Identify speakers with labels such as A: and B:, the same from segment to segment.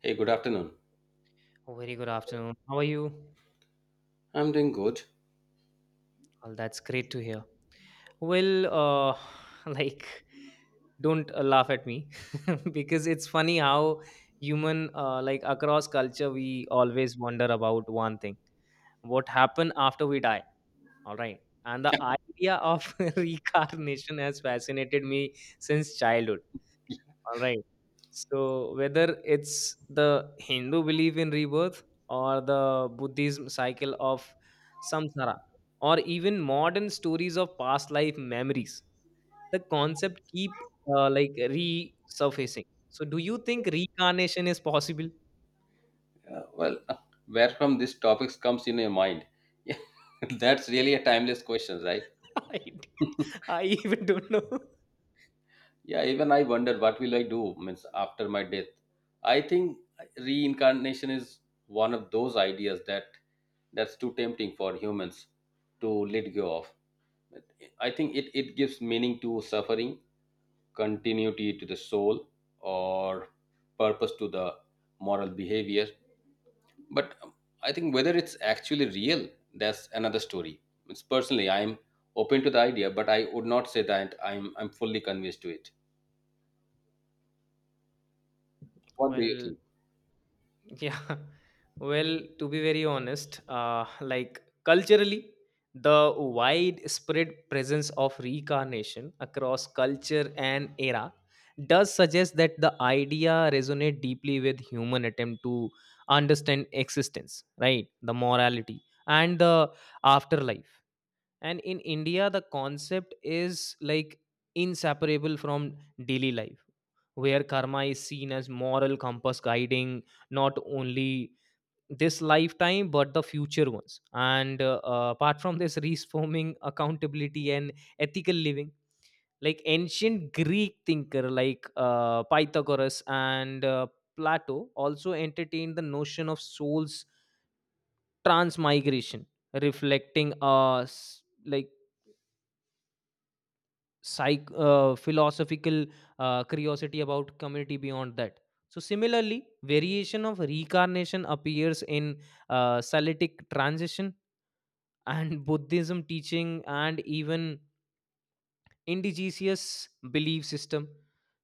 A: Hey, good afternoon.
B: Oh, very good afternoon. How are you?
A: I'm doing good.
B: Well, that's great to hear. Well, uh, like, don't laugh at me because it's funny how across culture, we always wonder about one thing: what happened after we die? All right. And the idea of reincarnation has fascinated me since childhood. All right. So whether it's the Hindu belief in rebirth or the Buddhism cycle of samsara or even modern stories of past life memories, the concept keep resurfacing. So do you think reincarnation is possible?
A: Uh, well, uh, where from these topics comes in your mind? Yeah, that's really a timeless question, right?
B: I, I even don't know.
A: Yeah, even I wonder what will I do means after my death. I think reincarnation is one of those ideas that's too tempting for humans to let go of. I think it gives meaning to suffering, continuity to the soul, or purpose to the moral behavior. But I think whether it's actually real, that's another story. It's personally, I'm open to the idea, but I would not say that I'm fully convinced to it. What do you
B: Well,
A: think?
B: yeah. Well, to be very honest, like culturally, the widespread presence of reincarnation across culture and era does suggest that the idea resonate deeply with human attempt to understand existence, right? The morality and the afterlife, and in India the concept is like inseparable from daily life, where karma is seen as moral compass guiding not only this lifetime but the future ones. And apart from this reforming accountability and ethical living, like ancient Greek thinker like Pythagoras and Plato also entertained the notion of soul's transmigration, reflecting a s- like psych philosophical curiosity about community beyond that. So similarly, variation of reincarnation appears in salitic transition and Buddhism teaching, and even indigenous belief system,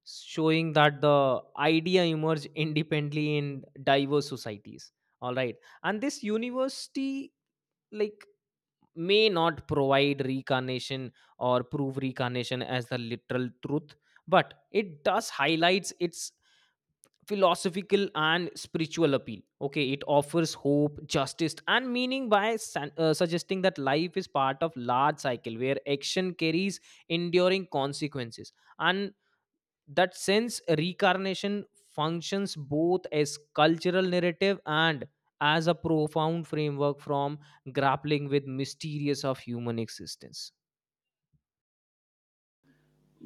B: showing that the idea emerged independently in diverse societies. All right. And this university, like, may not provide reincarnation or prove reincarnation as the literal truth, but it does highlights its philosophical and spiritual appeal. Okay, it offers hope, justice and meaning by suggesting that life is part of large cycle where action carries enduring consequences. And that sense, reincarnation functions both as cultural narrative and as a profound framework from grappling with mysterious of human existence.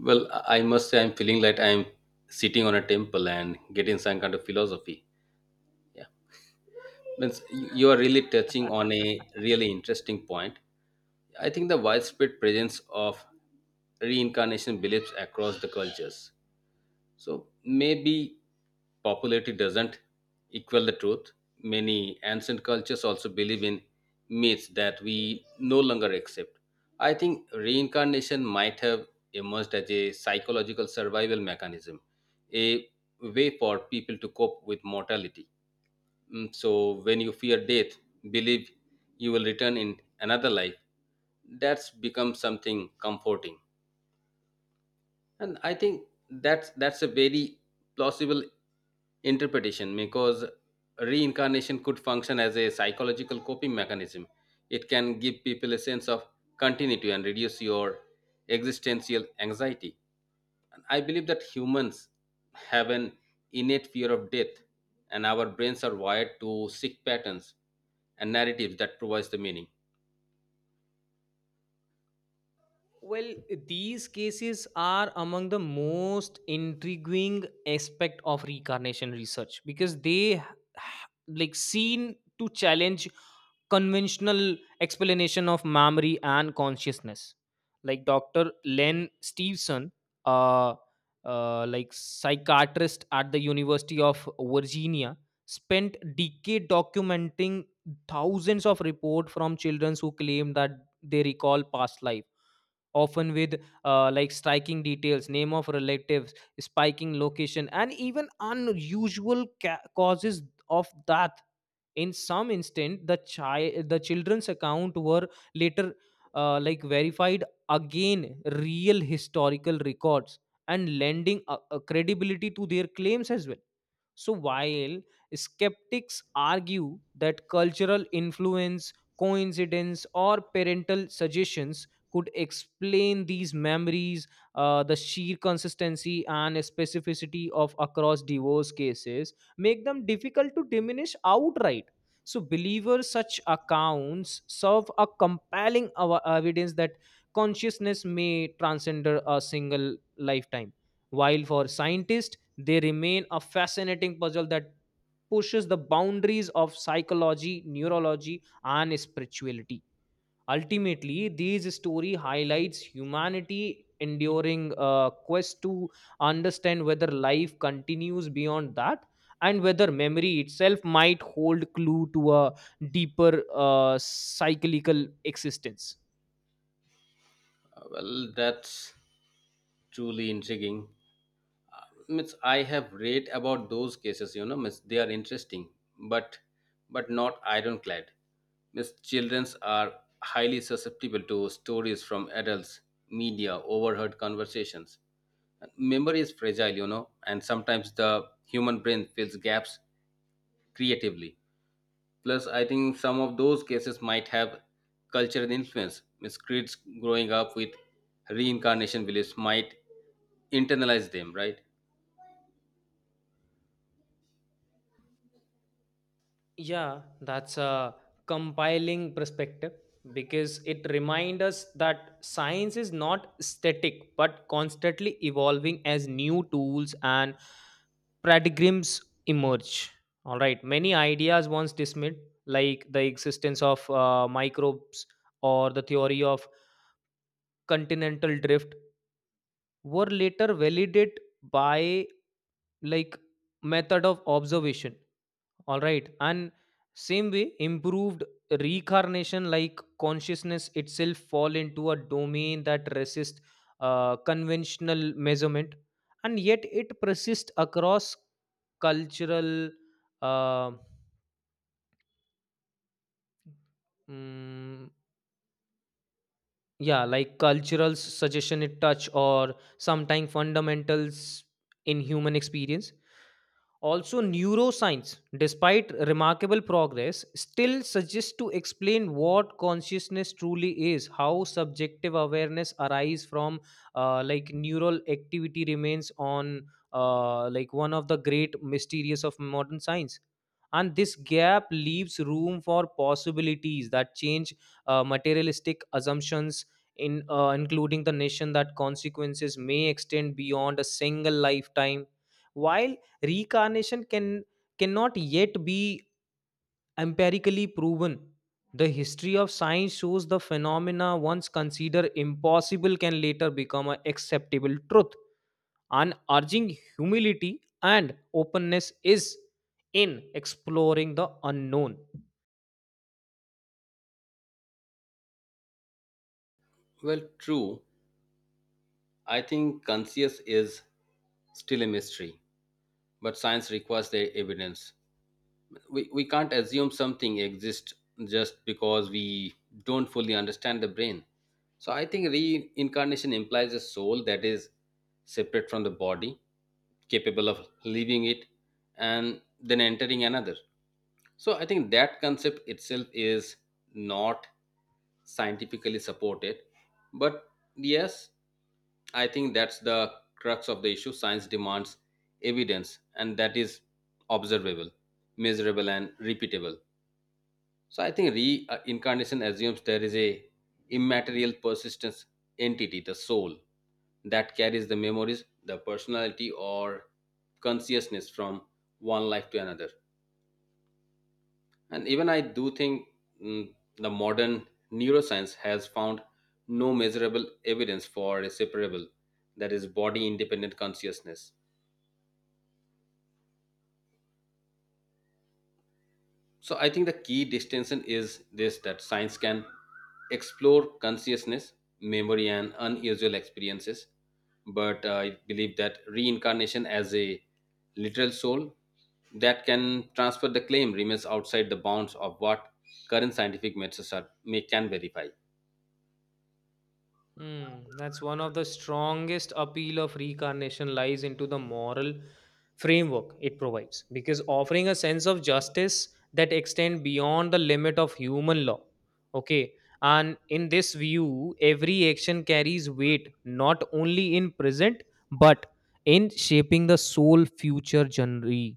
A: Well, I must say I'm feeling like I'm sitting on a temple and getting some kind of philosophy. Yeah, means you are really touching on a really interesting point. I think the widespread presence of reincarnation beliefs across the cultures, so maybe popularity doesn't equal the truth. Many ancient cultures also believe in myths that we no longer accept. I think reincarnation might have emerged as a psychological survival mechanism, a way for people to cope with mortality. So, when you fear death, believe you will return in another life. That's become something comforting, and I think that's a very plausible interpretation, because reincarnation could function as a psychological coping mechanism. It can give people a sense of continuity and reduce your existential anxiety. And I believe that humans have an innate fear of death, and our brains are wired to seek patterns and narratives that provides the meaning.
B: Well, these cases are among the most intriguing aspect of reincarnation research, because they like seen to challenge conventional explanation of memory and consciousness, like dr len Stevenson, uh, like psychiatrist at the University of Virginia, spent decade documenting thousands of report from children who claim that they recall past life, often with like striking details, name of relatives, spiking location, and even unusual causes of death. In some instant, the children's account were later like verified again, real historical records, and lending credibility to their claims as well. So, while skeptics argue that cultural influence, coincidence, or parental suggestions could explain these memories, the sheer consistency and specificity of across divorce cases make them difficult to diminish outright. So, believers such accounts serve a compelling evidence that consciousness may transcend a single lifetime. While for scientists, they remain a fascinating puzzle that pushes the boundaries of psychology, neurology, and spirituality. Ultimately, these story highlights humanity enduring a quest to understand whether life continues beyond that, and whether memory itself might hold clue to a deeper cyclical existence.
A: Well, that's truly intriguing. Means I have read about those cases, you know, means they are interesting, but not ironclad. Means childrens are highly susceptible to stories from adults, media, overheard conversations. Memory is fragile, you know, and sometimes the human brain fills gaps creatively. Plus, I think some of those cases might have cultural influence. Means kids growing up with reincarnation beliefs might internalize them, right?
B: Yeah, that's a compiling perspective, because it reminds us that science is not static but constantly evolving as new tools and paradigms emerge. All right, many ideas once dismissed, like the existence of microbes or the theory of continental drift, were later validated by, like, method of observation. All right, and same way improved reincarnation, like consciousness itself fall into a domain that resists conventional measurement, and yet it persists across cultural, uh, mm, yeah, like cultural suggestion it touch or sometime fundamentals in human experience. Also, neuroscience, despite remarkable progress, still suggests to explain what consciousness truly is, how subjective awareness arise from like neural activity remains on like one of the great mysteries of modern science. And this gap leaves room for possibilities that change materialistic assumptions in including the nation that consequences may extend beyond a single lifetime. While reincarnation cannot yet be empirically proven, the history of science shows the phenomena once considered impossible can later become an acceptable truth, and urging humility and openness is in exploring the unknown.
A: Well, true, I think conscious is still a mystery, but science requires the evidence. We can't assume something exists just because we don't fully understand the brain. So I think reincarnation implies a soul that is separate from the body, capable of leaving it and then entering another. So I think that concept itself is not scientifically supported, but yes, I think that's the crux of the issue. Science demands evidence, and that is observable, measurable and repeatable. So I think reincarnation assumes there is a immaterial persistence entity, the soul, that carries the memories, the personality or consciousness from one life to another. And even I do think, the modern neuroscience has found no measurable evidence for a separable, that is, body independent consciousness. So I think the key distinction is this, that science can explore consciousness, memory, and unusual experiences. But I believe that reincarnation as a literal soul that can transfer the claim remains outside the bounds of what current scientific methods are, may, can verify.
B: Hmm, that's one of the strongest appeal of reincarnation lies into the moral framework it provides, because offering a sense of justice that extend beyond the limit of human law. Okay, and in this view every action carries weight, not only in present but in shaping the soul future genre.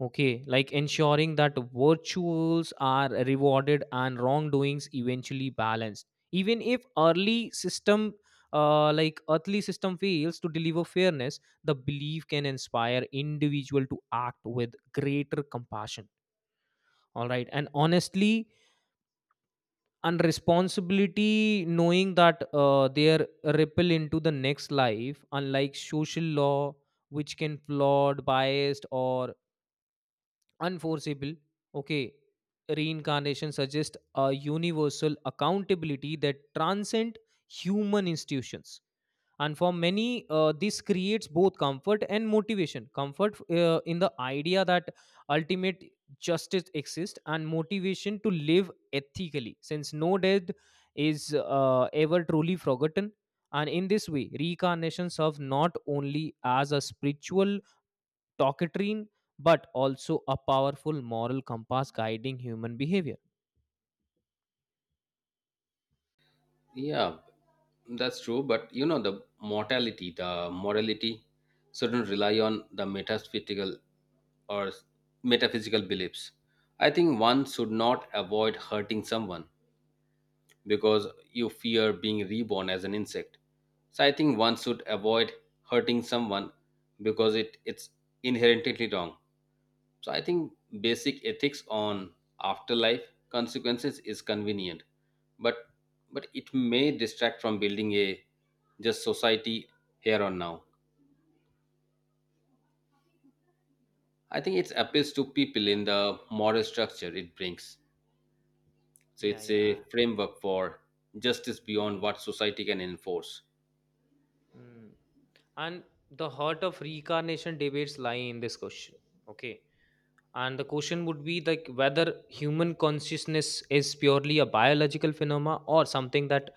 B: Okay, like ensuring that virtues are rewarded and wrongdoings eventually balanced. Even if early system, like earthly system fails to deliver fairness, the belief can inspire individual to act with greater compassion. All right, and honestly, and responsibility, knowing that their ripple into the next life, unlike social law, which can flawed, biased, or unforeseeable. Okay, reincarnation suggests a universal accountability that transcend human institutions. And for many, this creates both comfort and motivation, comfort in the idea that ultimate justice exists, and motivation to live ethically, since no death is ever truly forgotten. And in this way reincarnation serves not only as a spiritual talkatrine, but also a powerful moral compass guiding human behavior.
A: Yeah, that's true. But you know, the mortality, the morality shouldn't rely on the metaphysical or metaphysical beliefs. I think one should not avoid hurting someone because you fear being reborn as an insect. So I think one should avoid hurting someone because it's inherently wrong. So I think basic ethics on afterlife consequences is convenient, but it may distract from building a just society here on now. I think it appeals to people
B: Yeah,
A: in the moral structure it brings. So
B: yeah,
A: it's
B: yeah.
A: a framework for justice beyond what society can enforce.
B: Mm. And the heart of reincarnation debates lie in this question. Okay. And the question would be like whether human consciousness is purely a biological phenomena or something that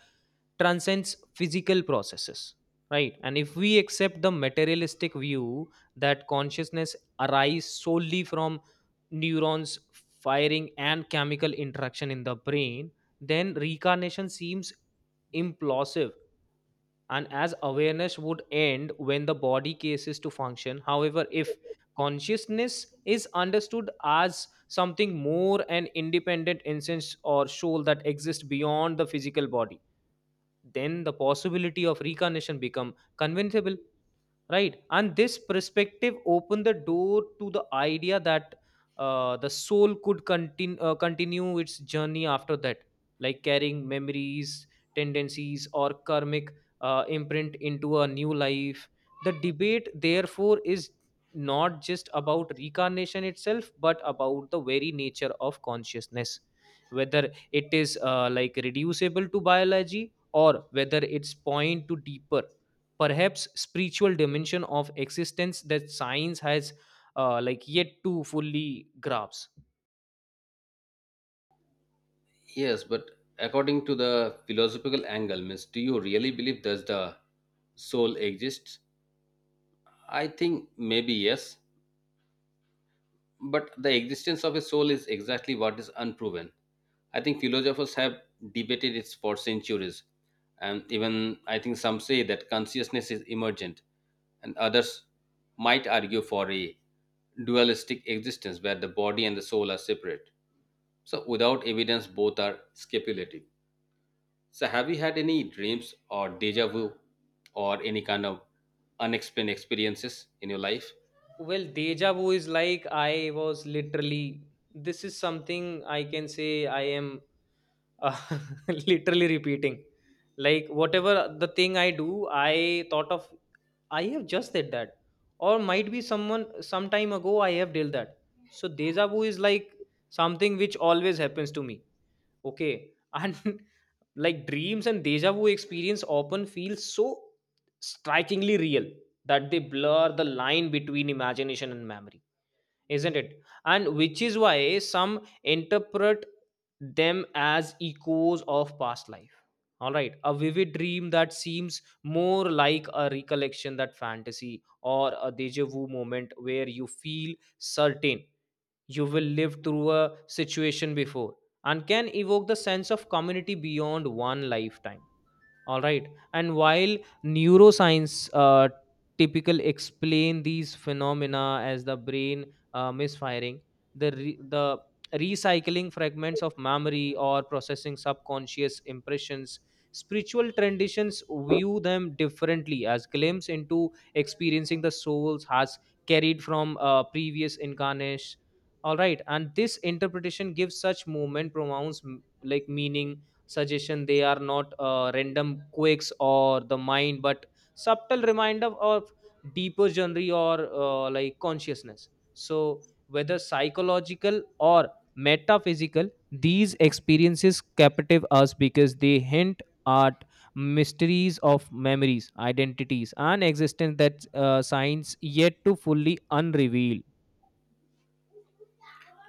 B: transcends physical processes, right? And if we accept the materialistic view that consciousness arises solely from neurons firing and chemical interaction in the brain, then reincarnation seems implausive, and as awareness would end when the body ceases to function. However, if consciousness is understood as something more, an independent instance or soul that exists beyond the physical body, then the possibility of reincarnation become convincible, right? And this perspective opened the door to the idea that the soul could continue continue its journey after that, like carrying memories, tendencies or karmic imprint into a new life. The debate therefore is not just about reincarnation itself but about the very nature of consciousness, whether it is like reducible to biology or whether it's point to deeper, perhaps spiritual dimension of existence that science has like yet to fully grasp.
A: Yes, but according to the philosophical angle, means do you really believe does the soul exists? I think maybe yes, but the existence of a soul is exactly what is unproven. I think philosophers have debated it for centuries. And even I think some say that consciousness is emergent, and others might argue for a dualistic existence where the body and the soul are separate. So, without evidence, both are speculative. So, have you had any dreams or deja vu or any kind of unexplained experiences in your life?
B: Well, deja vu is like I was literally, this is something I can say I am uh, literally repeating, like whatever the thing I do, I thought of, I have just said that, or might be someone some time ago I have dealt that. So deja vu is like something which always happens to me. Okay. And like dreams and deja vu experience often feel so strikingly real that they blur the line between imagination and memory, isn't it? And which is why some interpret them as echoes of past life. All right, a vivid dream that seems more like a recollection that fantasy, or a deja vu moment where you feel certain you will live through a situation before, and can evoke the sense of community beyond one lifetime. All right. And while neuroscience typical explain these phenomena as the brain misfiring, the recycling fragments of memory or processing subconscious impressions, spiritual traditions view them differently as glimpse into experiencing the souls has carried from previous incarnations. All right, and this interpretation gives such movement pronouns, like meaning suggestion they are not random quakes or the mind but subtle reminder of deeper journey or like consciousness. So whether psychological or metaphysical, these experiences captivate us because they hint at mysteries of memories, identities and existence that science yet to fully unreveal.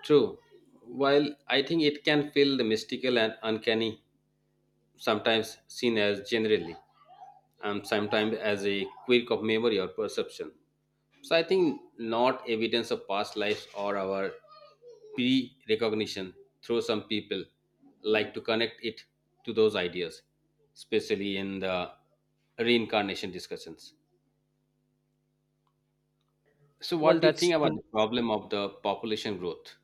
A: True. While I think it can feel the mystical and uncanny, sometimes seen as generally, and sometimes as a quirk of memory or perception. So I think not evidence of past lives or our pre-recognition, through some people like to connect it to those ideas, especially in the reincarnation discussions. So what
B: Well,
A: do you think
B: that's
A: about the
B: true.
A: problem of the population growth?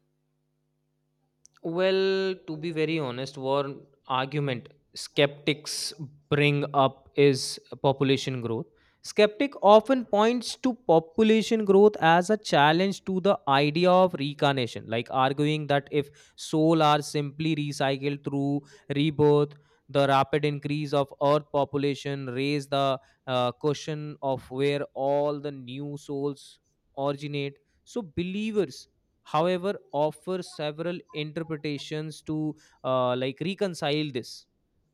B: Well, to be very honest, one argument skeptics bring up is population growth. Skeptic often points to population growth as a challenge to the idea of reincarnation, like arguing that if souls are simply recycled through rebirth, the rapid increase of Earth population raise the question of where all the new souls originate. So believers however offer several interpretations to like reconcile this.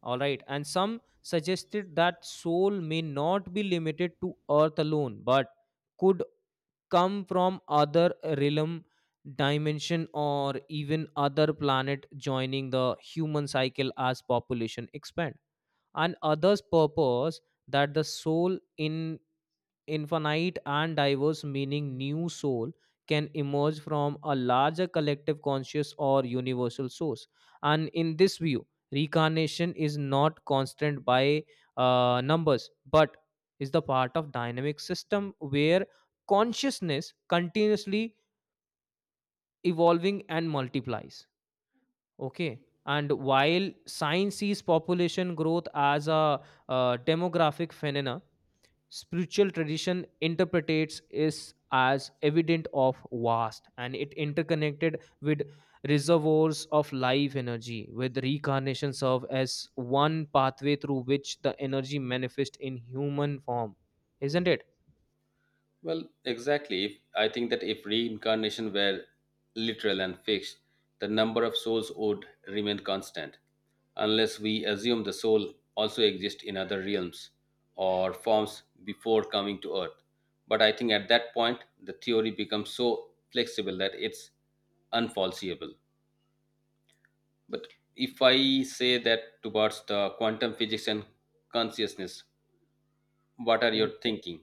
B: All right, and some suggested that soul may not be limited to earth alone but could come from other realm, dimension or even other planet, joining the human cycle as population expand. And others purpose that the soul in infinite and diverse, meaning new soul can emerge from a larger collective conscious or universal source. And in this view reincarnation is not constant by numbers but is the part of dynamic system where consciousness continuously evolving and multiplies. Okay, and while science sees population growth as a demographic phenomena, spiritual tradition interprets is as evident of vast and it interconnected with reservoirs of life energy, with reincarnation serve as one pathway through which the energy manifests in human form, isn't it?
A: Well, exactly. If, I think that if reincarnation were literal and fixed, the number of souls would remain constant, unless we assume the soul also exists in other realms or forms before coming to Earth. But I think at that point, the theory becomes so flexible that it's unfalsifiable. But if I say that towards the quantum physics and consciousness, what are your thinking?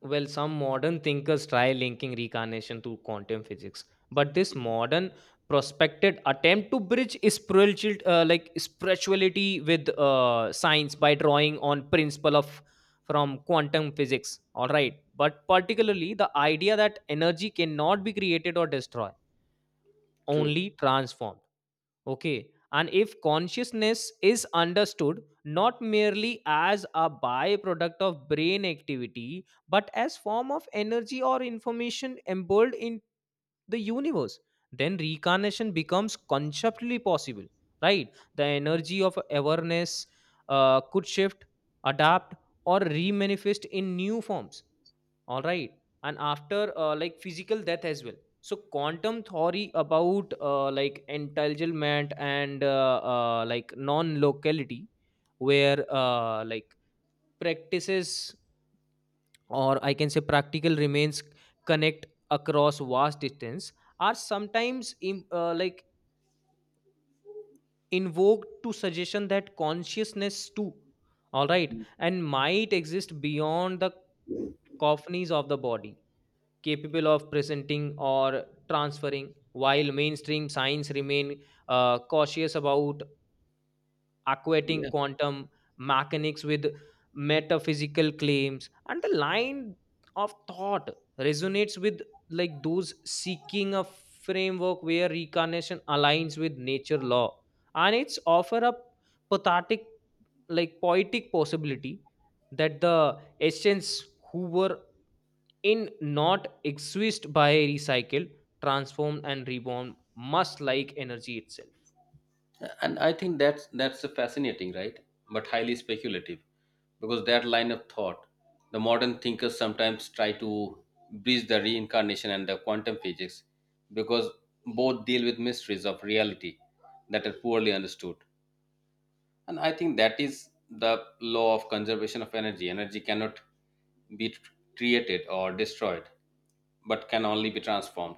B: Well, some modern thinkers try linking reincarnation to quantum physics, but this modern prospected attempt to bridge spiritual, like spirituality with science by drawing on principle of from quantum physics. All right, but particularly the idea that energy cannot be created or destroyed,
A: True.
B: only transformed. Okay. And if consciousness is understood not merely as a byproduct of brain activity, but as form of energy or information embedded in the universe, then reincarnation becomes conceptually possible, right? The energy of awareness could shift, adapt, or remanifest in new forms, all right, and after physical death as well. So quantum theory about entanglement and non-locality, where practices, or I can say practical remains, connect across vast distance are sometimes invoked to suggestion that consciousness too, all right, and might exist beyond the coffins of the body, capable of presenting or transferring, while mainstream science remain cautious about equating
A: Yeah.
B: quantum mechanics with metaphysical claims, and the line of thought resonates with like those seeking a framework where reincarnation aligns with nature law, and it's offer a pathetic like poetic possibility that the essence who were in not exist by recycle, transform, and reborn must like energy itself.
A: And I think that's a fascinating, right? But highly speculative, because that line of thought, the modern thinkers sometimes try to bridge the reincarnation and the quantum physics, because both deal with mysteries of reality that are poorly understood. And I think that is the law of conservation of energy. Energy cannot created or destroyed, but can only be transformed.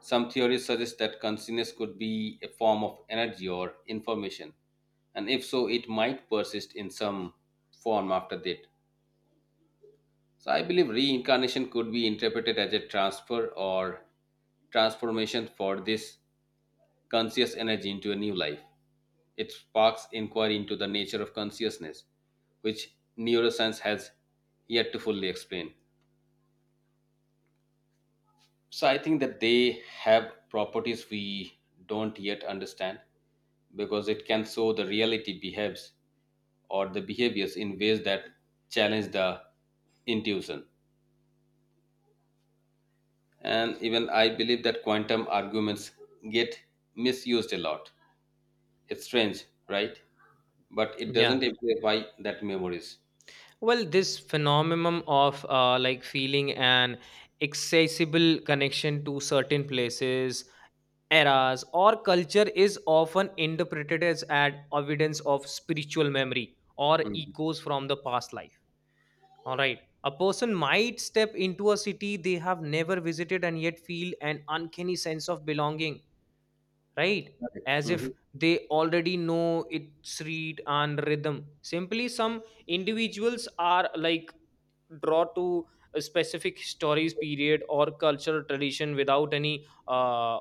A: Some theories suggest that consciousness could be a form of energy or information, and if so, it might persist in some form after death. So, I believe reincarnation could be interpreted as a transfer or transformation for this conscious energy into a new life. It sparks inquiry into the nature of consciousness, which neuroscience has yet to fully explain. So I think that they have properties we don't yet understand, because it can show the reality behaves or the behaviors in ways that challenge the intuition. And even I believe that quantum arguments get misused a lot. It's strange, right? But it
B: Yeah,
A: doesn't amplify that memories.
B: well, this phenomenon of feeling an accessible connection to certain places, eras, or culture is often interpreted as an evidence of spiritual memory or
A: Mhm.
B: echoes from the past life. All right, a person might step into a city they have never visited and yet feel an uncanny sense of belonging, right?
A: Correct.
B: As if
A: Mhm.
B: they already know its read and rhythm. Simply, some individuals are like draw to a specific stories, period, or cultural tradition without any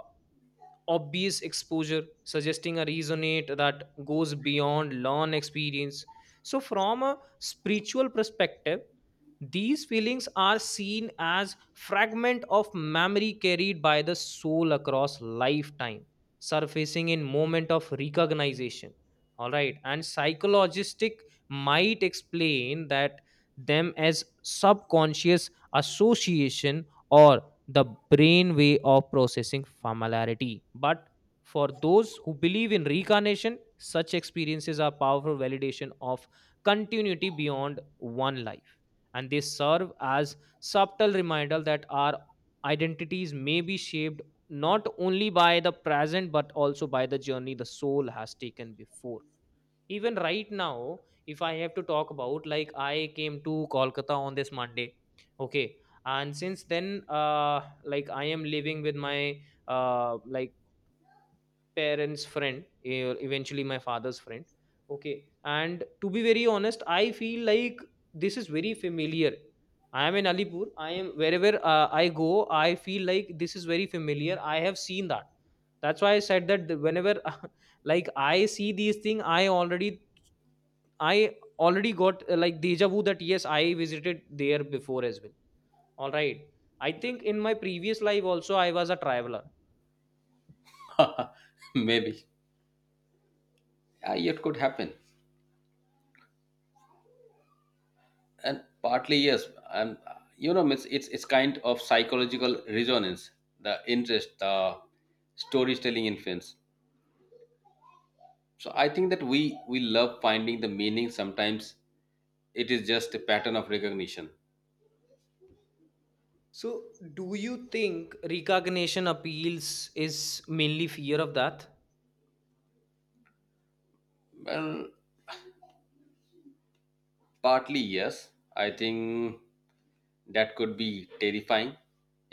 B: obvious exposure, suggesting a resonate that goes beyond learned experience. So, from a spiritual perspective, these feelings are seen as fragment of memory carried by the soul across lifetime, surfacing in moment of recognition. All right, and psychologistic might explain that them as subconscious association, or the brain way of processing familiarity. But for those who believe in reincarnation, such experiences are powerful validation of continuity beyond one life, and they serve as subtle reminder that our identities may be shaped not only by the present but also by the journey the soul has taken before. Even right now, if I have to talk about, like, I came to Kolkata on this Monday. Okay, and since then, I am living with my uh like parents friend, eventually my father's friend. Okay, and to be very honest, I feel like this is very familiar. I am in Alipur. I am wherever I go, I feel like this is very familiar. I have seen that. That's why I said that whenever like I see these things I already, I already got deja vu that yes, I visited there before as well. All right, I think in my previous life also I was a traveler.
A: Maybe. It could happen. And partly yes, and you know, it's kind of psychological resonance, the interest, the storytelling influence. So I think that we love finding the meaning. Sometimes it is just a pattern of recognition.
B: So, do you think recognition appeals is mainly fear of that?
A: Well, partly yes, I think that could be terrifying.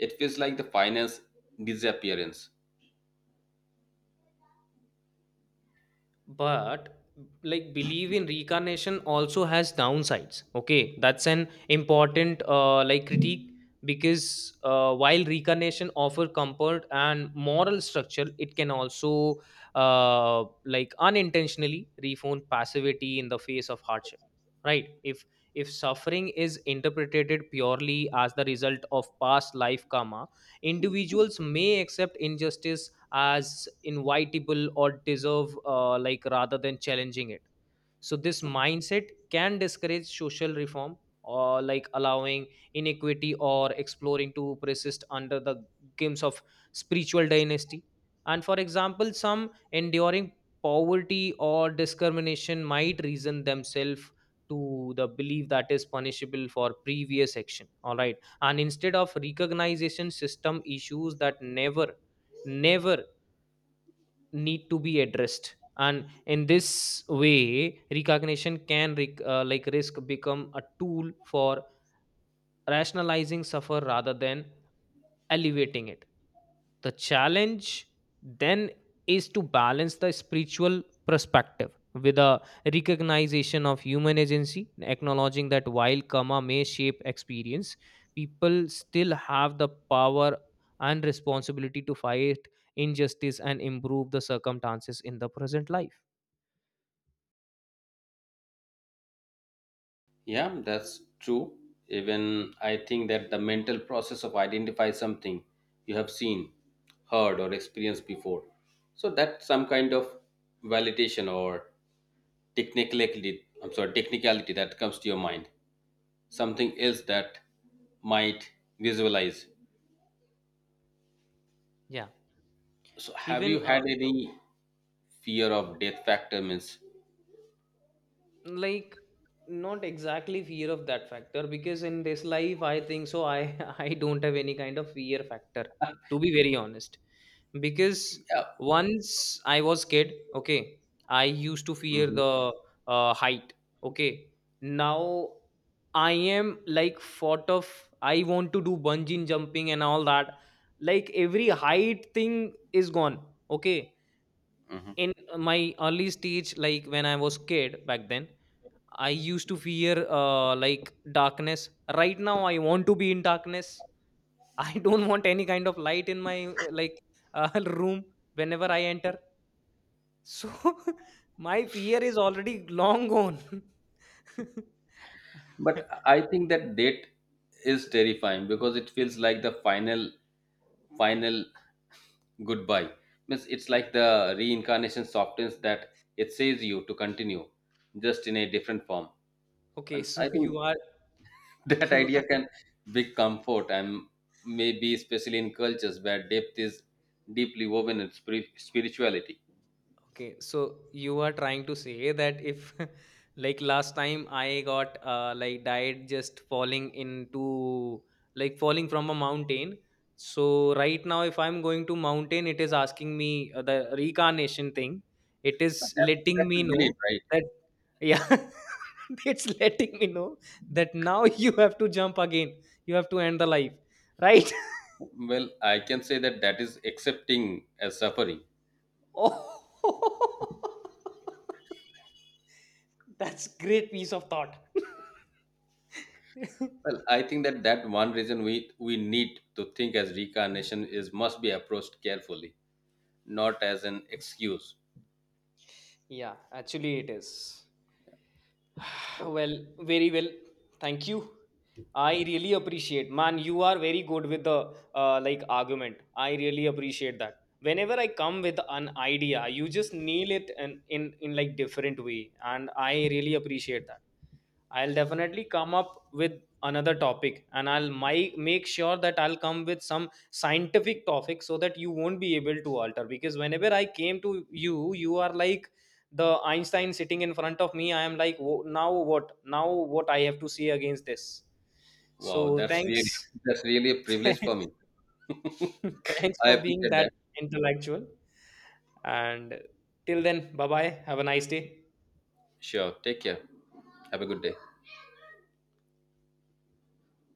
A: It feels like the finance disappearance.
B: But like believe in reincarnation also has downsides, okay, that's an important critique. Because while reincarnation offer comfort and moral structure, it can also unintentionally reform passivity in the face of hardship, right? If suffering is interpreted purely as the result of past life karma, individuals may accept injustice as invitable or deserve, rather than challenging it. So this mindset can discourage social reform, or like allowing inequity or exploring to persist under the games of spiritual dynasty. And for example, some enduring poverty or discrimination might reason themselves to the belief that is punishable for previous action, all right, and instead of recognition system issues that never need to be addressed. And in this way recognition can risk become a tool for rationalizing suffer rather than alleviating it. The challenge then is to balance the spiritual perspective with a recognition of human agency, acknowledging that while karma may shape experience, people still have the power and responsibility to fight injustice and improve the circumstances in the present life.
A: Yeah, that's true. Even I think that the mental process of identify something you have seen, heard, or experienced before. So that's some kind of validation or technicality. I'm sorry, technicality that comes to your mind. Something else that might visualize.
B: Yeah.
A: So have
B: Even
A: you had any fear of death factor? Means
B: like not exactly fear of that factor, because in this life I think so I I don't have any kind of fear factor, to be very honest. Because
A: yeah.
B: once I was kid, okay, I used to fear
A: Hmm.
B: the height. Okay, now I am like thought of I want to do bungee jumping and all that. Like every height thing is gone. Okay,
A: Hmm.
B: in my early stage, like when I was kid back then, I used to fear darkness. Right now, I want to be in darkness. I don't want any kind of light in my room whenever I enter. So my fear is already long gone.
A: But I think that death is terrifying because it feels like the final goodbye. Means it's like the reincarnation softens that. It says you to continue just in a different form.
B: Okay,
A: And
B: so
A: I
B: you
A: think
B: are
A: that
B: you.
A: idea can big comfort, and maybe especially in cultures where depth is deeply woven in spirit, spirituality.
B: Okay, so you are trying to say that if, like last time, I got died just falling into like falling from a mountain. So right now, if I'm going to mountain, it is asking me the reincarnation thing. It
A: But
B: is
A: that-
B: letting
A: that's a
B: me
A: belief,
B: know
A: right?
B: that yeah, it's letting me know that now you have to jump again. You have to end the life, right?
A: Well, I can say that that is accepting as suffering.
B: Oh, that's great piece of thought.
A: Well, I think that that one reason we need to think as reincarnation is must be approached carefully, not as an excuse.
B: Yeah, actually it is. Well, very well. Thank you. I really appreciate, man. You are very good with the argument. I really appreciate that. Whenever I come with an idea, you just nail it in like different way, and I really appreciate that. I'll definitely come up with another topic, and I'll make sure that I'll come with some scientific topic so that you won't be able to alter. Because whenever I came to you, you are like the Einstein sitting in front of me. I am like, Now what, now what I have to say against this?"
A: Wow,
B: So
A: that's really
B: thanks.
A: that's really a privilege for me.
B: Thanks
A: I
B: for being
A: appreciate
B: that
A: that.
B: intellectual, and till then, bye bye, have a nice day.
A: Sure. Take care. Have a good day.